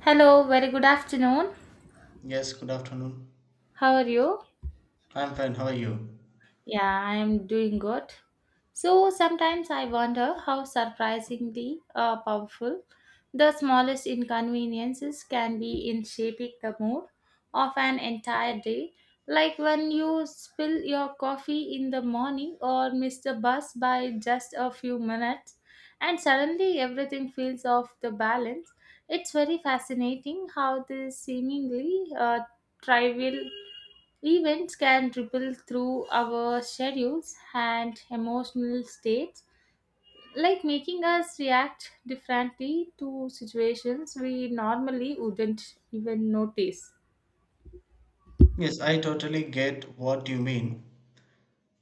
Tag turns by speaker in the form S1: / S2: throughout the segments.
S1: Hello, very good afternoon.
S2: Yes, good afternoon.
S1: How are you?
S2: I'm fine. How are you?
S1: Yeah, I am doing good. So sometimes I wonder how surprisingly powerful the smallest inconveniences can be in shaping the mood of an entire day. Like when you spill your coffee in the morning or miss the bus by just a few minutes, and suddenly everything feels off the balance. It's very fascinating how this seemingly trivial events can ripple through our schedules and emotional states, like making us react differently to situations we normally wouldn't even notice.
S2: Yes, I totally get what you mean.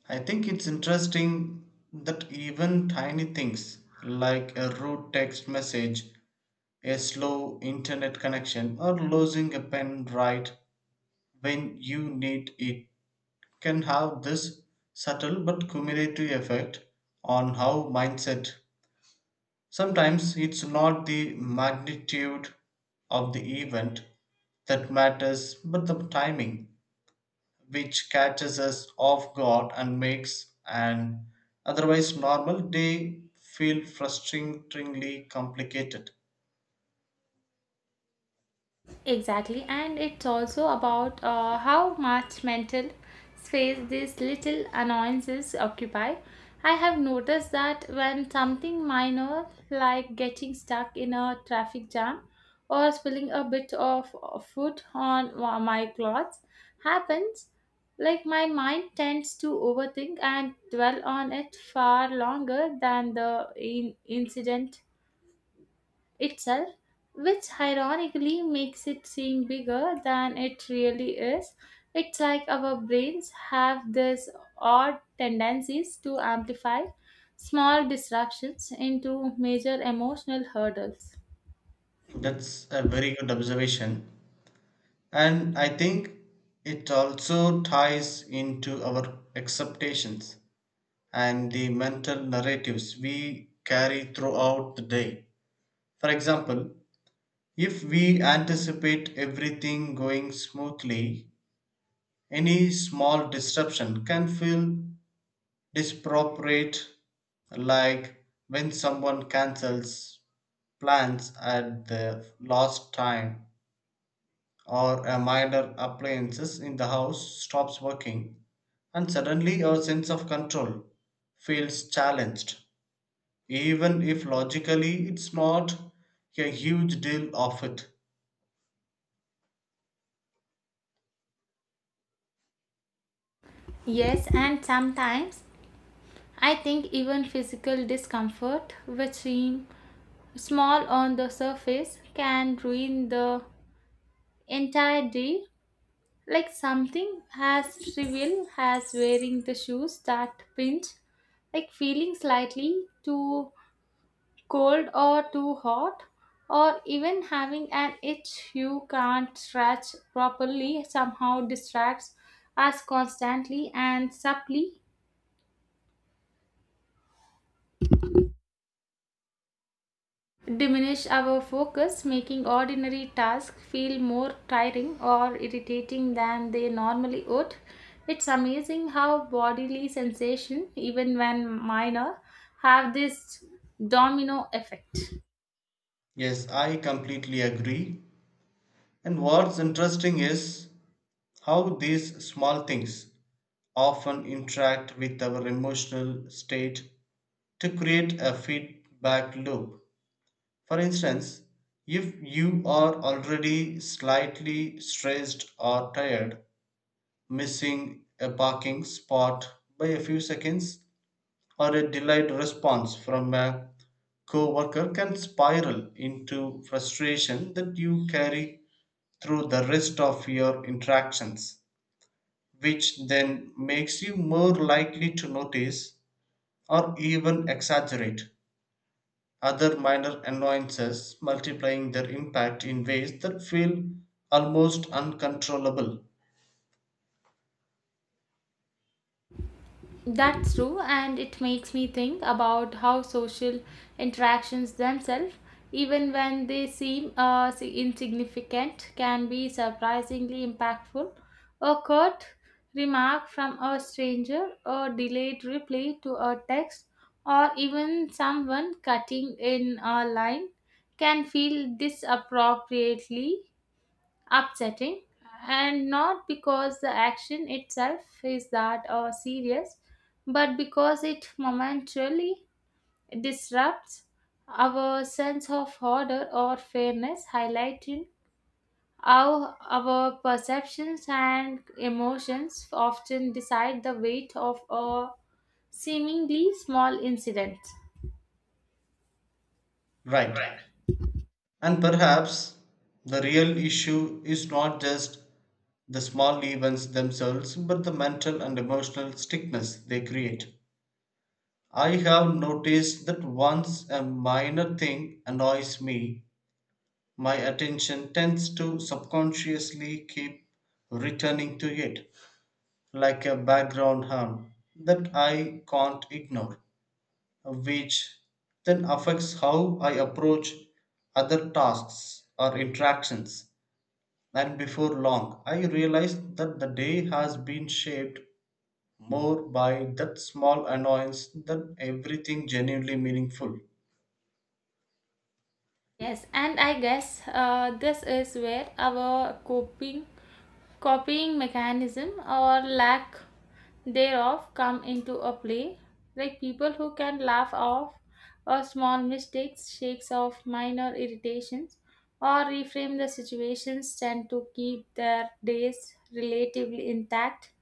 S2: I think it's interesting that even tiny things like a rude text message, a slow internet connection, or losing a pen right when you need it can have this subtle but cumulative effect on how mindset. Sometimes it's not the magnitude of the event that matters, but the timing, which catches us off guard and makes an otherwise normal day feel frustratingly complicated.
S1: Exactly, and it's also about how much mental space these little annoyances occupy. I have noticed that when something minor, like getting stuck in a traffic jam or spilling a bit of food on my clothes, happens, like my mind tends to overthink and dwell on it far longer than the incident itself, which ironically makes it seem bigger than it really is. It's like our brains have this odd tendencies to amplify small disruptions into major emotional hurdles.
S2: That's a very good observation. And I think it also ties into our expectations and the mental narratives we carry throughout the day. For example, if we anticipate everything going smoothly, any small disruption can feel disproportionate, like when someone cancels plans at the last time or a minor appliances in the house stops working and suddenly our sense of control feels challenged even if logically it's not a huge deal of it.
S1: Yes, and sometimes I think even physical discomfort, which seem small on the surface, can ruin the entire day. Like something as trivial as wearing the shoes that pinch, like feeling slightly too cold or too hot, or even having an itch you can't scratch properly somehow distracts us constantly and subtly diminish our focus, making ordinary tasks feel more tiring or irritating than they normally would. It's amazing how bodily sensation, even when minor, have this domino effect.
S2: Yes, I completely agree. And what's interesting is how these small things often interact with our emotional state to create a feedback loop. For instance, if you are already slightly stressed or tired, missing a parking spot by a few seconds or a delayed response from a co-worker can spiral into frustration that you carry through the rest of your interactions, which then makes you more likely to notice or even exaggerate other minor annoyances, multiplying their impact in ways that feel almost uncontrollable.
S1: That's true, and it makes me think about how social interactions themselves, even when they seem insignificant, can be surprisingly impactful. A curt remark from a stranger, a delayed reply to a text, or even someone cutting in a line can feel disappropriately upsetting and not because the action itself is that or serious but because it momentarily disrupts our sense of order or fairness highlighting how our perceptions and emotions often decide the weight of a seemingly small incident.
S2: Right. And perhaps the real issue is not just the small events themselves, but the mental and emotional stickness they create. I have noticed that once a minor thing annoys me, my attention tends to subconsciously keep returning to it like a background hum that I can't ignore, which then affects how I approach other tasks or interactions. And before long, I realize that the day has been shaped more by that small annoyance than everything genuinely meaningful.
S1: Yes, and I guess this is where our coping copying mechanism or lack thereof come into a play. Like people who can laugh off or small mistakes, shakes off minor irritations, or reframe the situations tend to keep their days relatively intact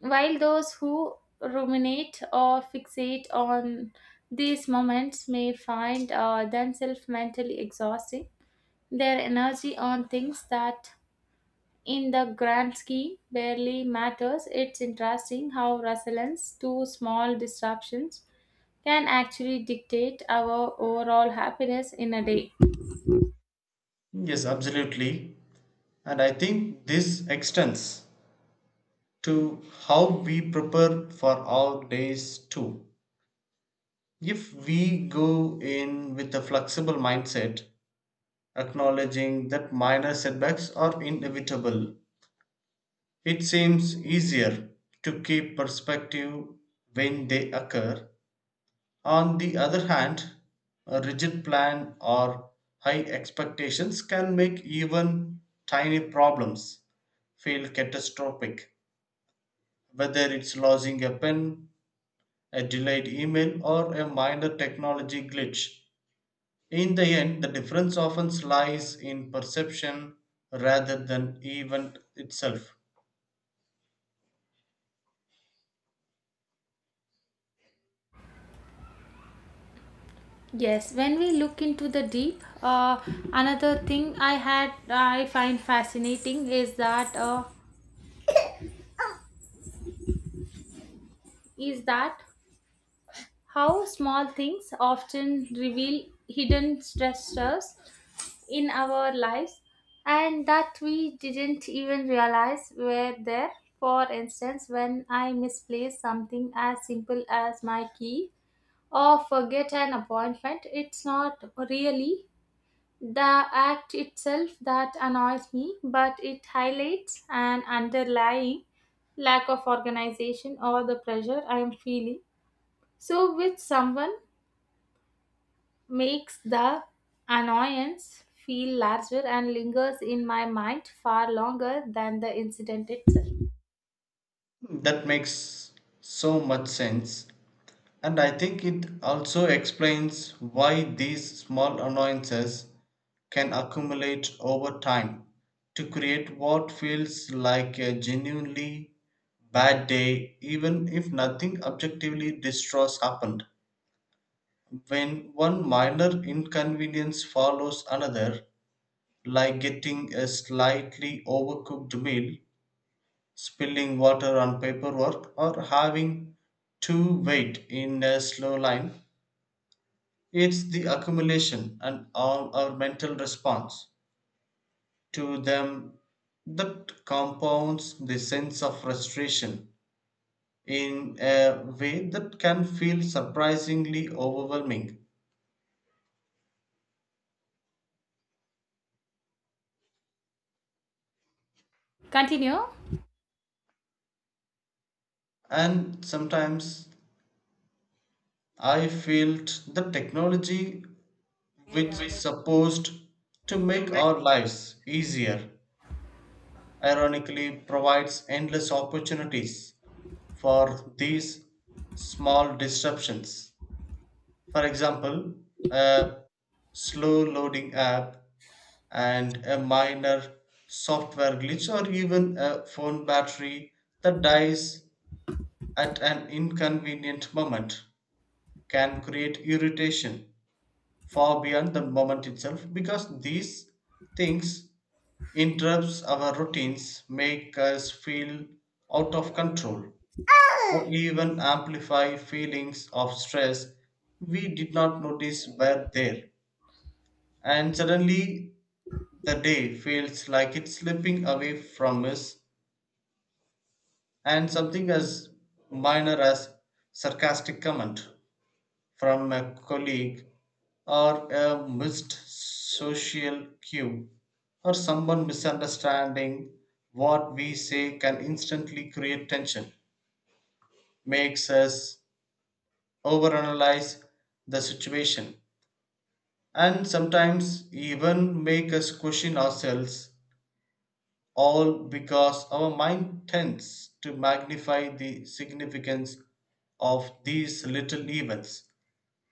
S1: while those who ruminate or fixate on these moments may find themselves mentally exhausting, their energy on things that, in the grand scheme, barely matters. It's interesting how resilience to small disruptions can actually dictate our overall happiness in a day.
S2: Yes, absolutely. And I think this extends to how we prepare for our days too. If we go in with a flexible mindset, acknowledging that minor setbacks are inevitable, it seems easier to keep perspective when they occur. On the other hand, a rigid plan or high expectations can make even tiny problems feel catastrophic, whether it's losing a pen, a delayed email, or a minor technology glitch. In the end, the difference often lies in perception rather than event itself.
S1: Yes, when we look into the deep, another thing I find fascinating is that how small things often reveal hidden stressors in our lives and that we didn't even realize were there. For instance, when I misplace something as simple as my key or forget an appointment, it's not really the act itself that annoys me, but it highlights an underlying lack of organization or the pressure I am feeling. So, with someone makes the annoyance feel larger and lingers in my mind far longer than the incident itself.
S2: That makes so much sense. And I think it also explains why these small annoyances can accumulate over time to create what feels like a genuinely bad day, even if nothing objectively distraught happened. When one minor inconvenience follows another, like getting a slightly overcooked meal, spilling water on paperwork, or having to wait in a slow line, it's the accumulation and all our mental response to them that compounds the sense of frustration in a way that can feel surprisingly overwhelming.
S1: Continue.
S2: And sometimes I felt the technology which supposed to make our lives easier ironically provides endless opportunities for these small disruptions. For example, a slow loading app and a minor software glitch or even a phone battery that dies at an inconvenient moment can create irritation far beyond the moment itself because these things interrupts our routines, make us feel out of control, or even amplify feelings of stress we did not notice were there, and suddenly the day feels like it's slipping away from us. And something as minor as sarcastic comment from a colleague or a missed social cue or someone misunderstanding what we say can instantly create tension, makes us overanalyze the situation, and sometimes even make us question ourselves, all because our mind tends to magnify the significance of these little events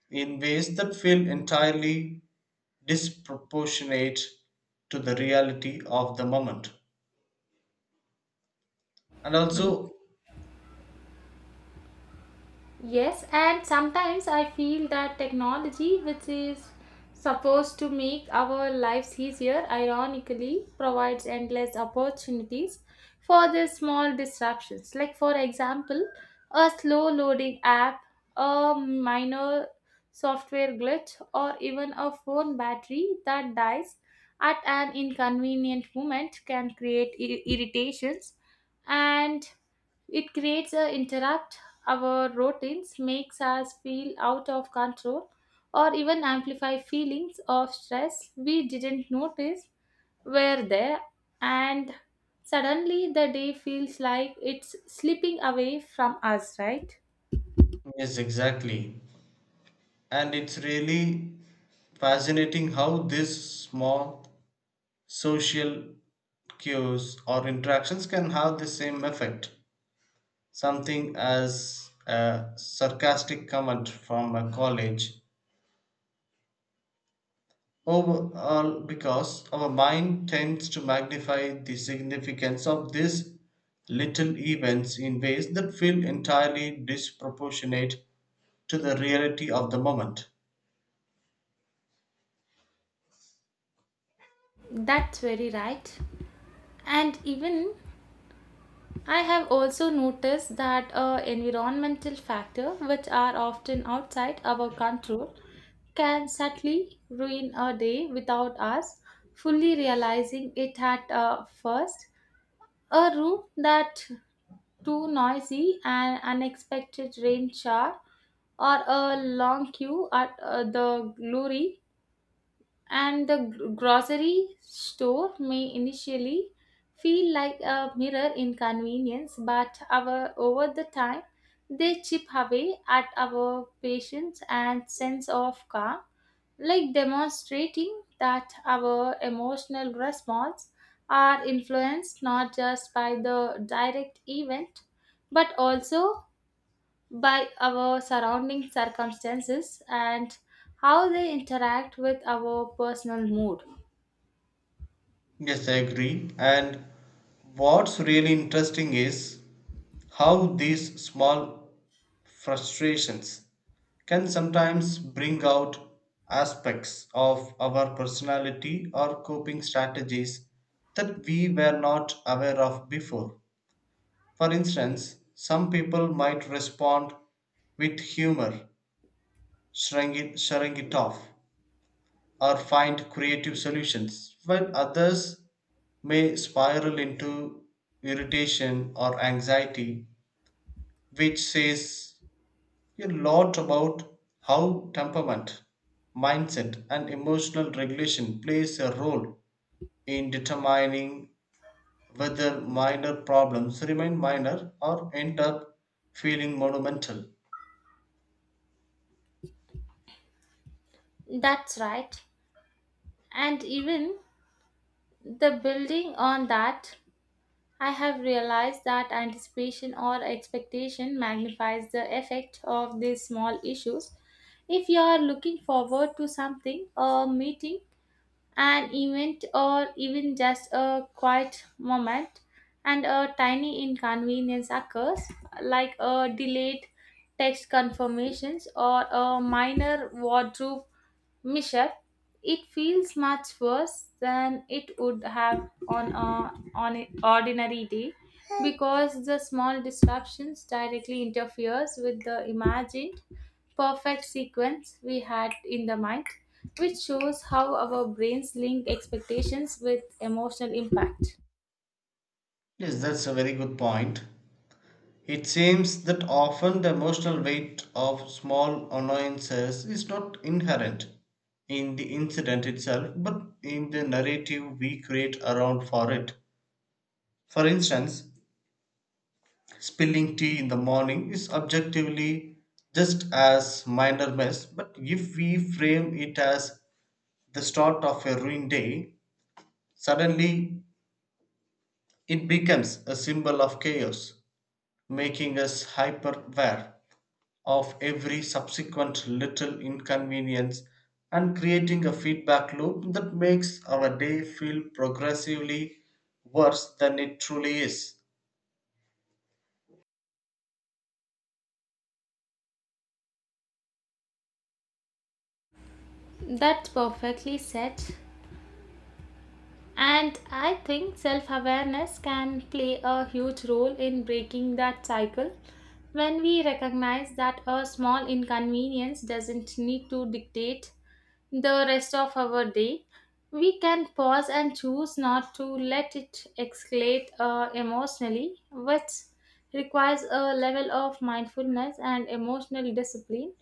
S2: in ways that feel entirely disproportionate to the reality of the moment. And also,
S1: Yes, and sometimes I feel that technology, which is supposed to make our lives easier, ironically provides endless opportunities for the small disruptions. Like, for example, a slow loading app, a minor software glitch, or even a phone battery that dies at an inconvenient moment can create irritations and it creates a interrupt our routines, makes us feel out of control, or even amplify feelings of stress we didn't notice were there, and suddenly the day feels like it's slipping away from us, right?
S2: yes, exactly. And it's really fascinating how these small social cues or interactions can have the same effect. Something as a sarcastic comment from a college overall, because our mind tends to magnify the significance of these little events in ways that feel entirely disproportionate to the reality of the moment.
S1: That's very right. And even I have also noticed that environmental factors, which are often outside our control, can sadly ruin a day without us fully realizing it at first. A room that too noisy, an unexpected rain shower, or a long queue at the glory and the grocery store may initially feel like a mirror in convenience but our, over the time they chip away at our patience and sense of calm like demonstrating that our emotional response are influenced not just by the direct event but also by our surrounding circumstances and how they interact with our personal mood.
S2: Yes, I agree. And what's really interesting is how these small frustrations can sometimes bring out aspects of our personality or coping strategies that we were not aware of before. For instance, some people might respond with humor, shrugging it off, or find creative solutions, while others may spiral into irritation or anxiety, which says a lot about how temperament, mindset, and emotional regulation plays a role in determining whether minor problems remain minor or end up feeling monumental.
S1: That's right. And even the building on that, I have realized that anticipation or expectation magnifies the effect of these small issues. If you are looking forward to something, a meeting, an event or even just a quiet moment and a tiny inconvenience occurs like a delayed text confirmations or a minor wardrobe mishap it feels much worse than it would have on a on an ordinary day because the small disruptions directly interferes with the imagined perfect sequence we had in the mind, which shows how our brains link expectations with emotional impact.
S2: Yes, that's a very good point. It seems that often the emotional weight of small annoyances is not inherent in the incident itself, but in the narrative we create around for it. For instance, spilling tea in the morning is objectively just as minor mess, but if we frame it as the start of a ruined day, suddenly it becomes a symbol of chaos, making us hyper aware of every subsequent little inconvenience and creating a feedback loop that makes our day feel progressively worse than it truly is.
S1: That's perfectly said. And I think self awareness can play a huge role in breaking that cycle. When we recognize that a small inconvenience doesn't need to dictate the rest of our day, we can pause and choose not to let it escalate emotionally, which requires a level of mindfulness and emotional discipline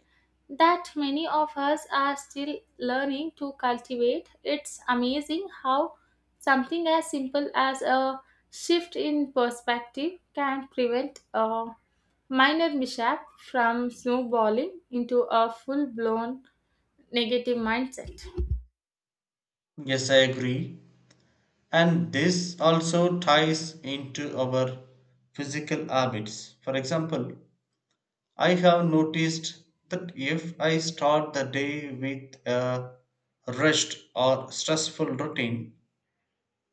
S1: that many of us are still learning to cultivate. It's amazing how something as simple as a shift in perspective can prevent a minor mishap from snowballing into a full blown negative mindset.
S2: Yes, I agree. And this also ties into our physical habits. For example, I have noticed that if I start the day with a rushed or stressful routine,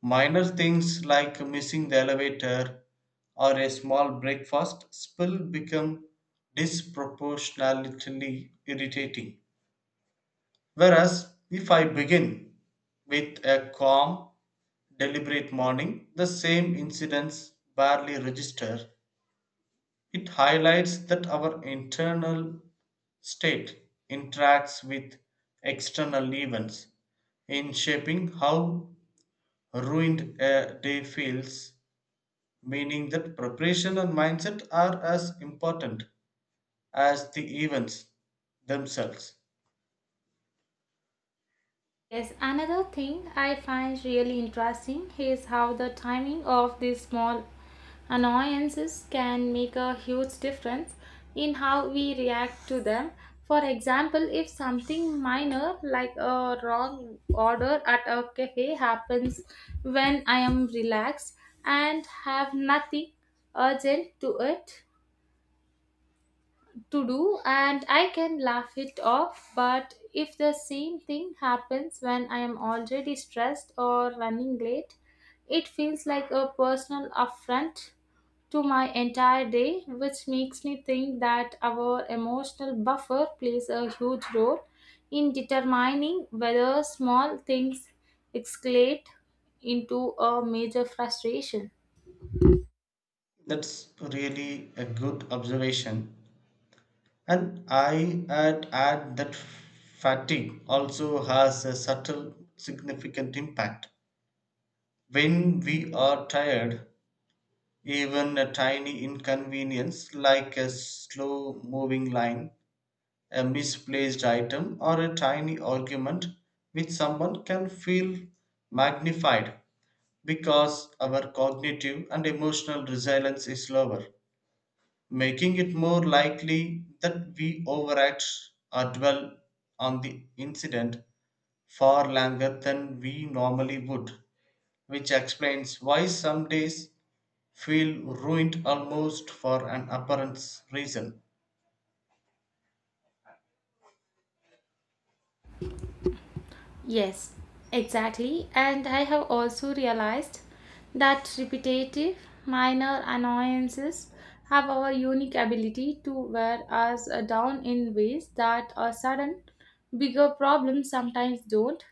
S2: minor things like missing the elevator or a small breakfast spill become disproportionately irritating. Whereas if I begin with a calm, deliberate morning, the same incidents barely register. It highlights that our internal state interacts with external events in shaping how ruined a day feels, meaning that preparation and mindset are as important as the events themselves.
S1: Yes, another thing I find really interesting is how the timing of these small annoyances can make a huge difference in how we react to them. For example, if something minor like a wrong order at a cafe happens when I am relaxed and have nothing urgent to do and I can laugh it off. But if the same thing happens when I am already stressed or running late, it feels like a personal affront to my entire day, which makes me think that our emotional buffer plays a huge role in determining whether small things escalate into a major frustration.
S2: That's really a good observation. And I add that fatigue also has a subtle, significant impact. When we are tired, even a tiny inconvenience like a slow moving line, a misplaced item, or a tiny argument with someone can feel magnified because our cognitive and emotional resilience is lower, making it more likely that we overact or dwell on the incident far longer than we normally would, which explains why some days feel ruined almost for an apparent reason.
S1: Yes, exactly. And I have also realized that repetitive, minor annoyances have our unique ability to wear us down in ways that a sudden, bigger problems sometimes don't.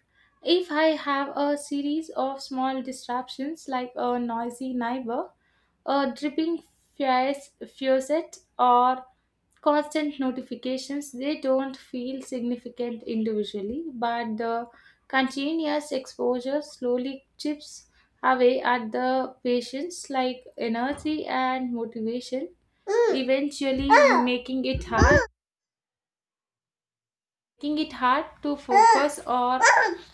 S1: If I have a series of small disruptions like a noisy neighbor a dripping fuse- faucet, or constant notifications, they don't feel significant individually, but the continuous exposure slowly chips away at the patient's like energy and motivation, eventually making it hard making it hard to focus or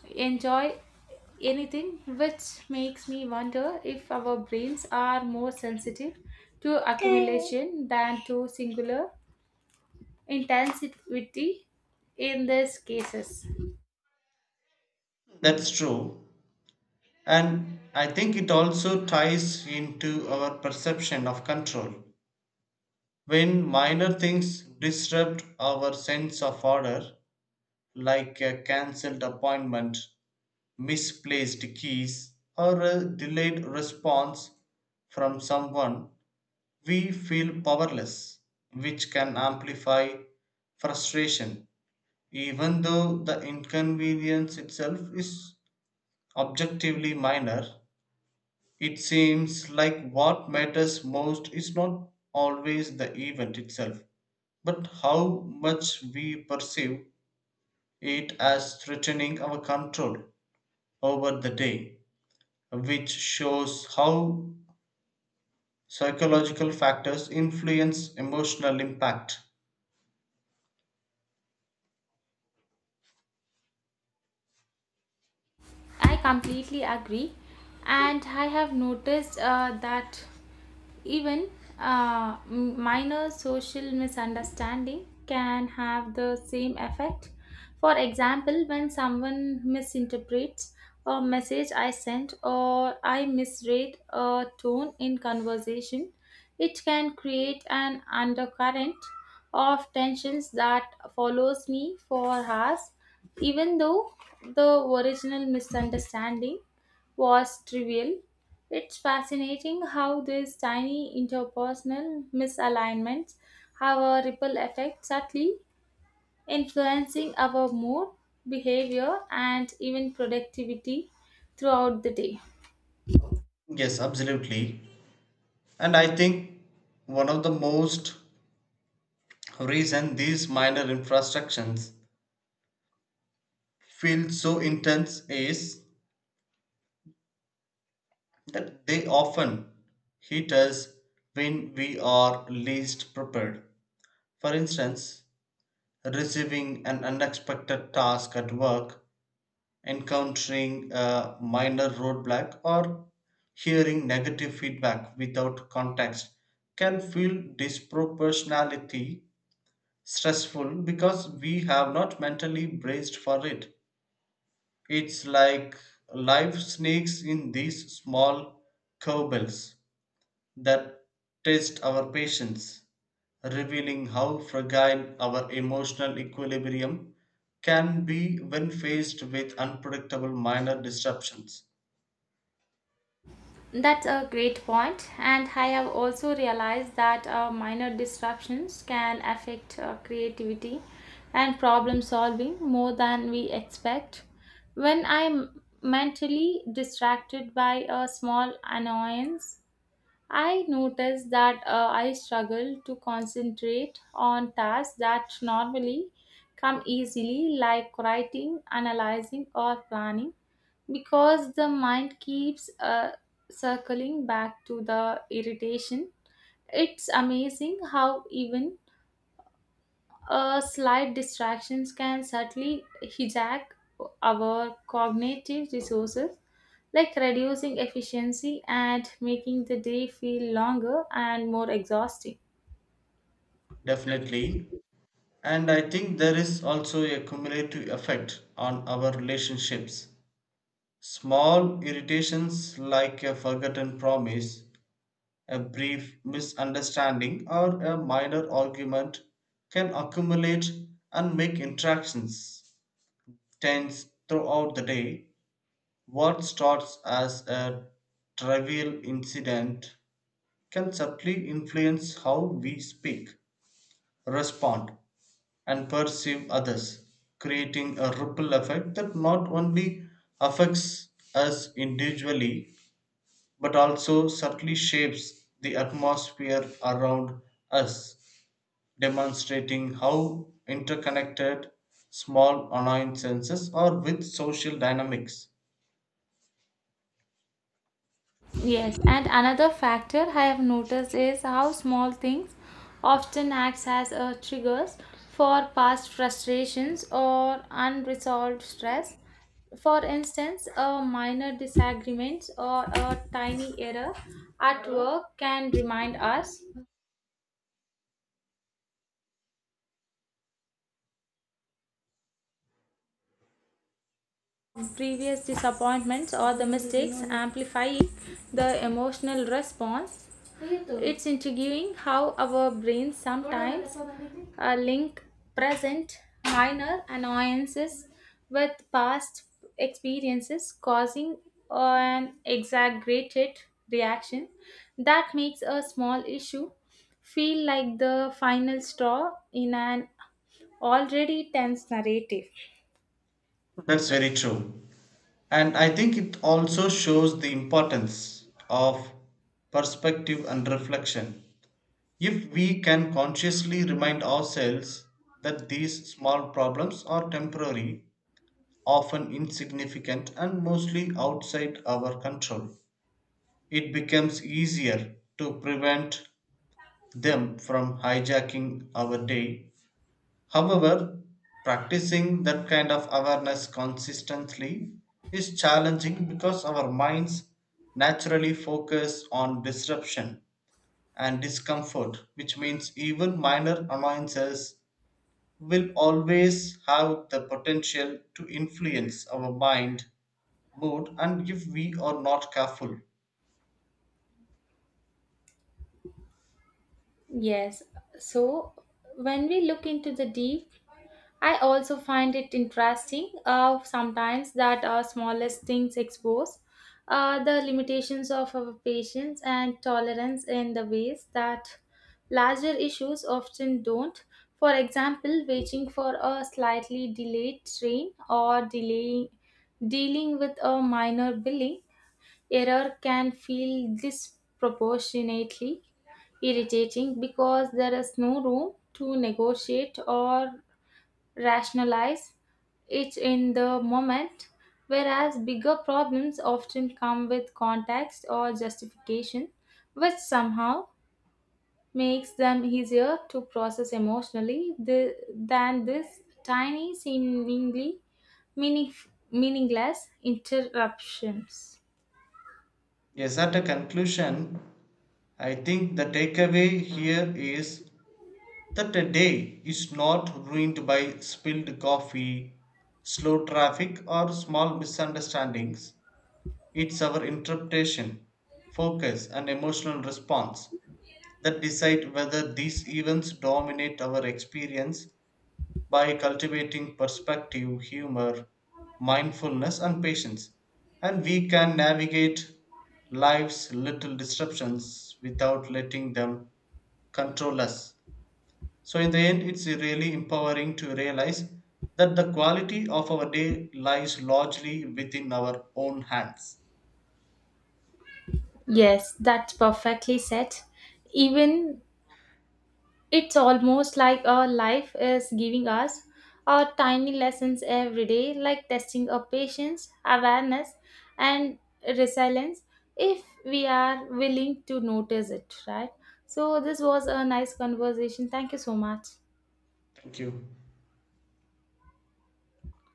S1: enjoy anything, which makes me wonder if our brains are more sensitive to accumulation than to singular intensity in these cases.
S2: That's true, and I think it also ties into our perception of control. When minor things disrupt our sense of order, like a cancelled appointment, misplaced keys, or a delayed response from someone, we feel powerless, which can amplify frustration, even though the inconvenience itself is objectively minor. It seems like what matters most is not always the event itself, but how much we perceive it as threatening our control over the day, which shows how psychological factors influence emotional impact.
S1: I completely agree, and I have noticed that even minor social misunderstanding can have the same effect. For example, when someone misinterprets a message I sent or I misread a tone in conversation, it can create an undercurrent of tensions that follows me for hours even though the original misunderstanding was trivial, it's fascinating how these tiny interpersonal misalignments have a ripple effect subtly influencing our mood, behavior, and even productivity throughout the day.
S2: Yes, absolutely. And I think one of the most reason these minor infractions feel so intense is that they often hit us when we are least prepared. For instance, receiving an unexpected task at work, encountering a minor roadblock or hearing negative feedback without context can feel disproportionality stressful because we have not mentally braced for it. It's like life sneaks in these small curveballs that test our patience, revealing how fragile our emotional equilibrium can be when faced with unpredictable minor disruptions.
S1: That's a great point, and I have also realized that minor disruptions can affect creativity and problem solving more than we expect. When I'm mentally distracted by a small annoyance, I notice that I struggle to concentrate on tasks that normally come easily, like writing, analyzing, or planning because the mind keeps circling back to the irritation. It's amazing how even slight distractions can subtly hijack our cognitive resources, like reducing efficiency and making the day feel longer and more exhausting.
S2: Definitely. And I think there is also a cumulative effect on our relationships. Small irritations like a forgotten promise, a brief misunderstanding, or a minor argument can accumulate and make interactions tends throughout the day. What starts as a trivial incident can subtly influence how we speak, respond, and perceive others, creating a ripple effect that not only affects us individually but also subtly shapes the atmosphere around us, demonstrating how interconnected small annoyances are with social dynamics.
S1: Yes, and another factor I have noticed is how small things often acts as a triggers for past frustrations or unresolved stress. For instance, a minor disagreement or a tiny error at work can remind us of previous disappointments or the mistakes, amplifying the emotional response. It's intriguing how our brains sometimes link present minor annoyances with past experiences, causing an exaggerated reaction that makes a small issue feel like the final straw in an already tense narrative.
S2: That's very true. And I think it also shows the importance of perspective and reflection. If we can consciously remind ourselves that these small problems are temporary, often insignificant, and mostly outside our control, it becomes easier to prevent them from hijacking our day. However, practicing that kind of awareness consistently is challenging because our minds naturally focus on disruption and discomfort, which means even minor annoyances will always have the potential to influence our mind, mood, and if we are not careful.
S1: Yes, so when we look into the deep I also find it interesting sometimes that our smallest things expose the limitations of our patience and tolerance in the ways that larger issues often don't. For example, waiting for a slightly delayed train or delay, dealing with a minor billing error can feel disproportionately irritating because there is no room to negotiate or rationalize it in the moment, whereas bigger problems often come with context or justification, which somehow makes them easier to process emotionally than this tiny, seemingly meaning- meaningless interruptions.
S2: Yes, at a conclusion, I think the takeaway here is that a day is not ruined by spilled coffee, slow traffic, or small misunderstandings. It's our interpretation, focus, and emotional response that decide whether these events dominate our experience. By cultivating perspective, humor, mindfulness, and patience, and we can navigate life's little disruptions without letting them control us. So, in the end, it's really empowering to realize that the quality of our day lies largely within our own hands.
S1: Yes, that's perfectly said. Even it's almost like our life is giving us our tiny lessons every day, like testing our patience, awareness, and resilience if we are willing to notice it, right? So, this was a nice conversation. Thank you so much.
S2: Thank you.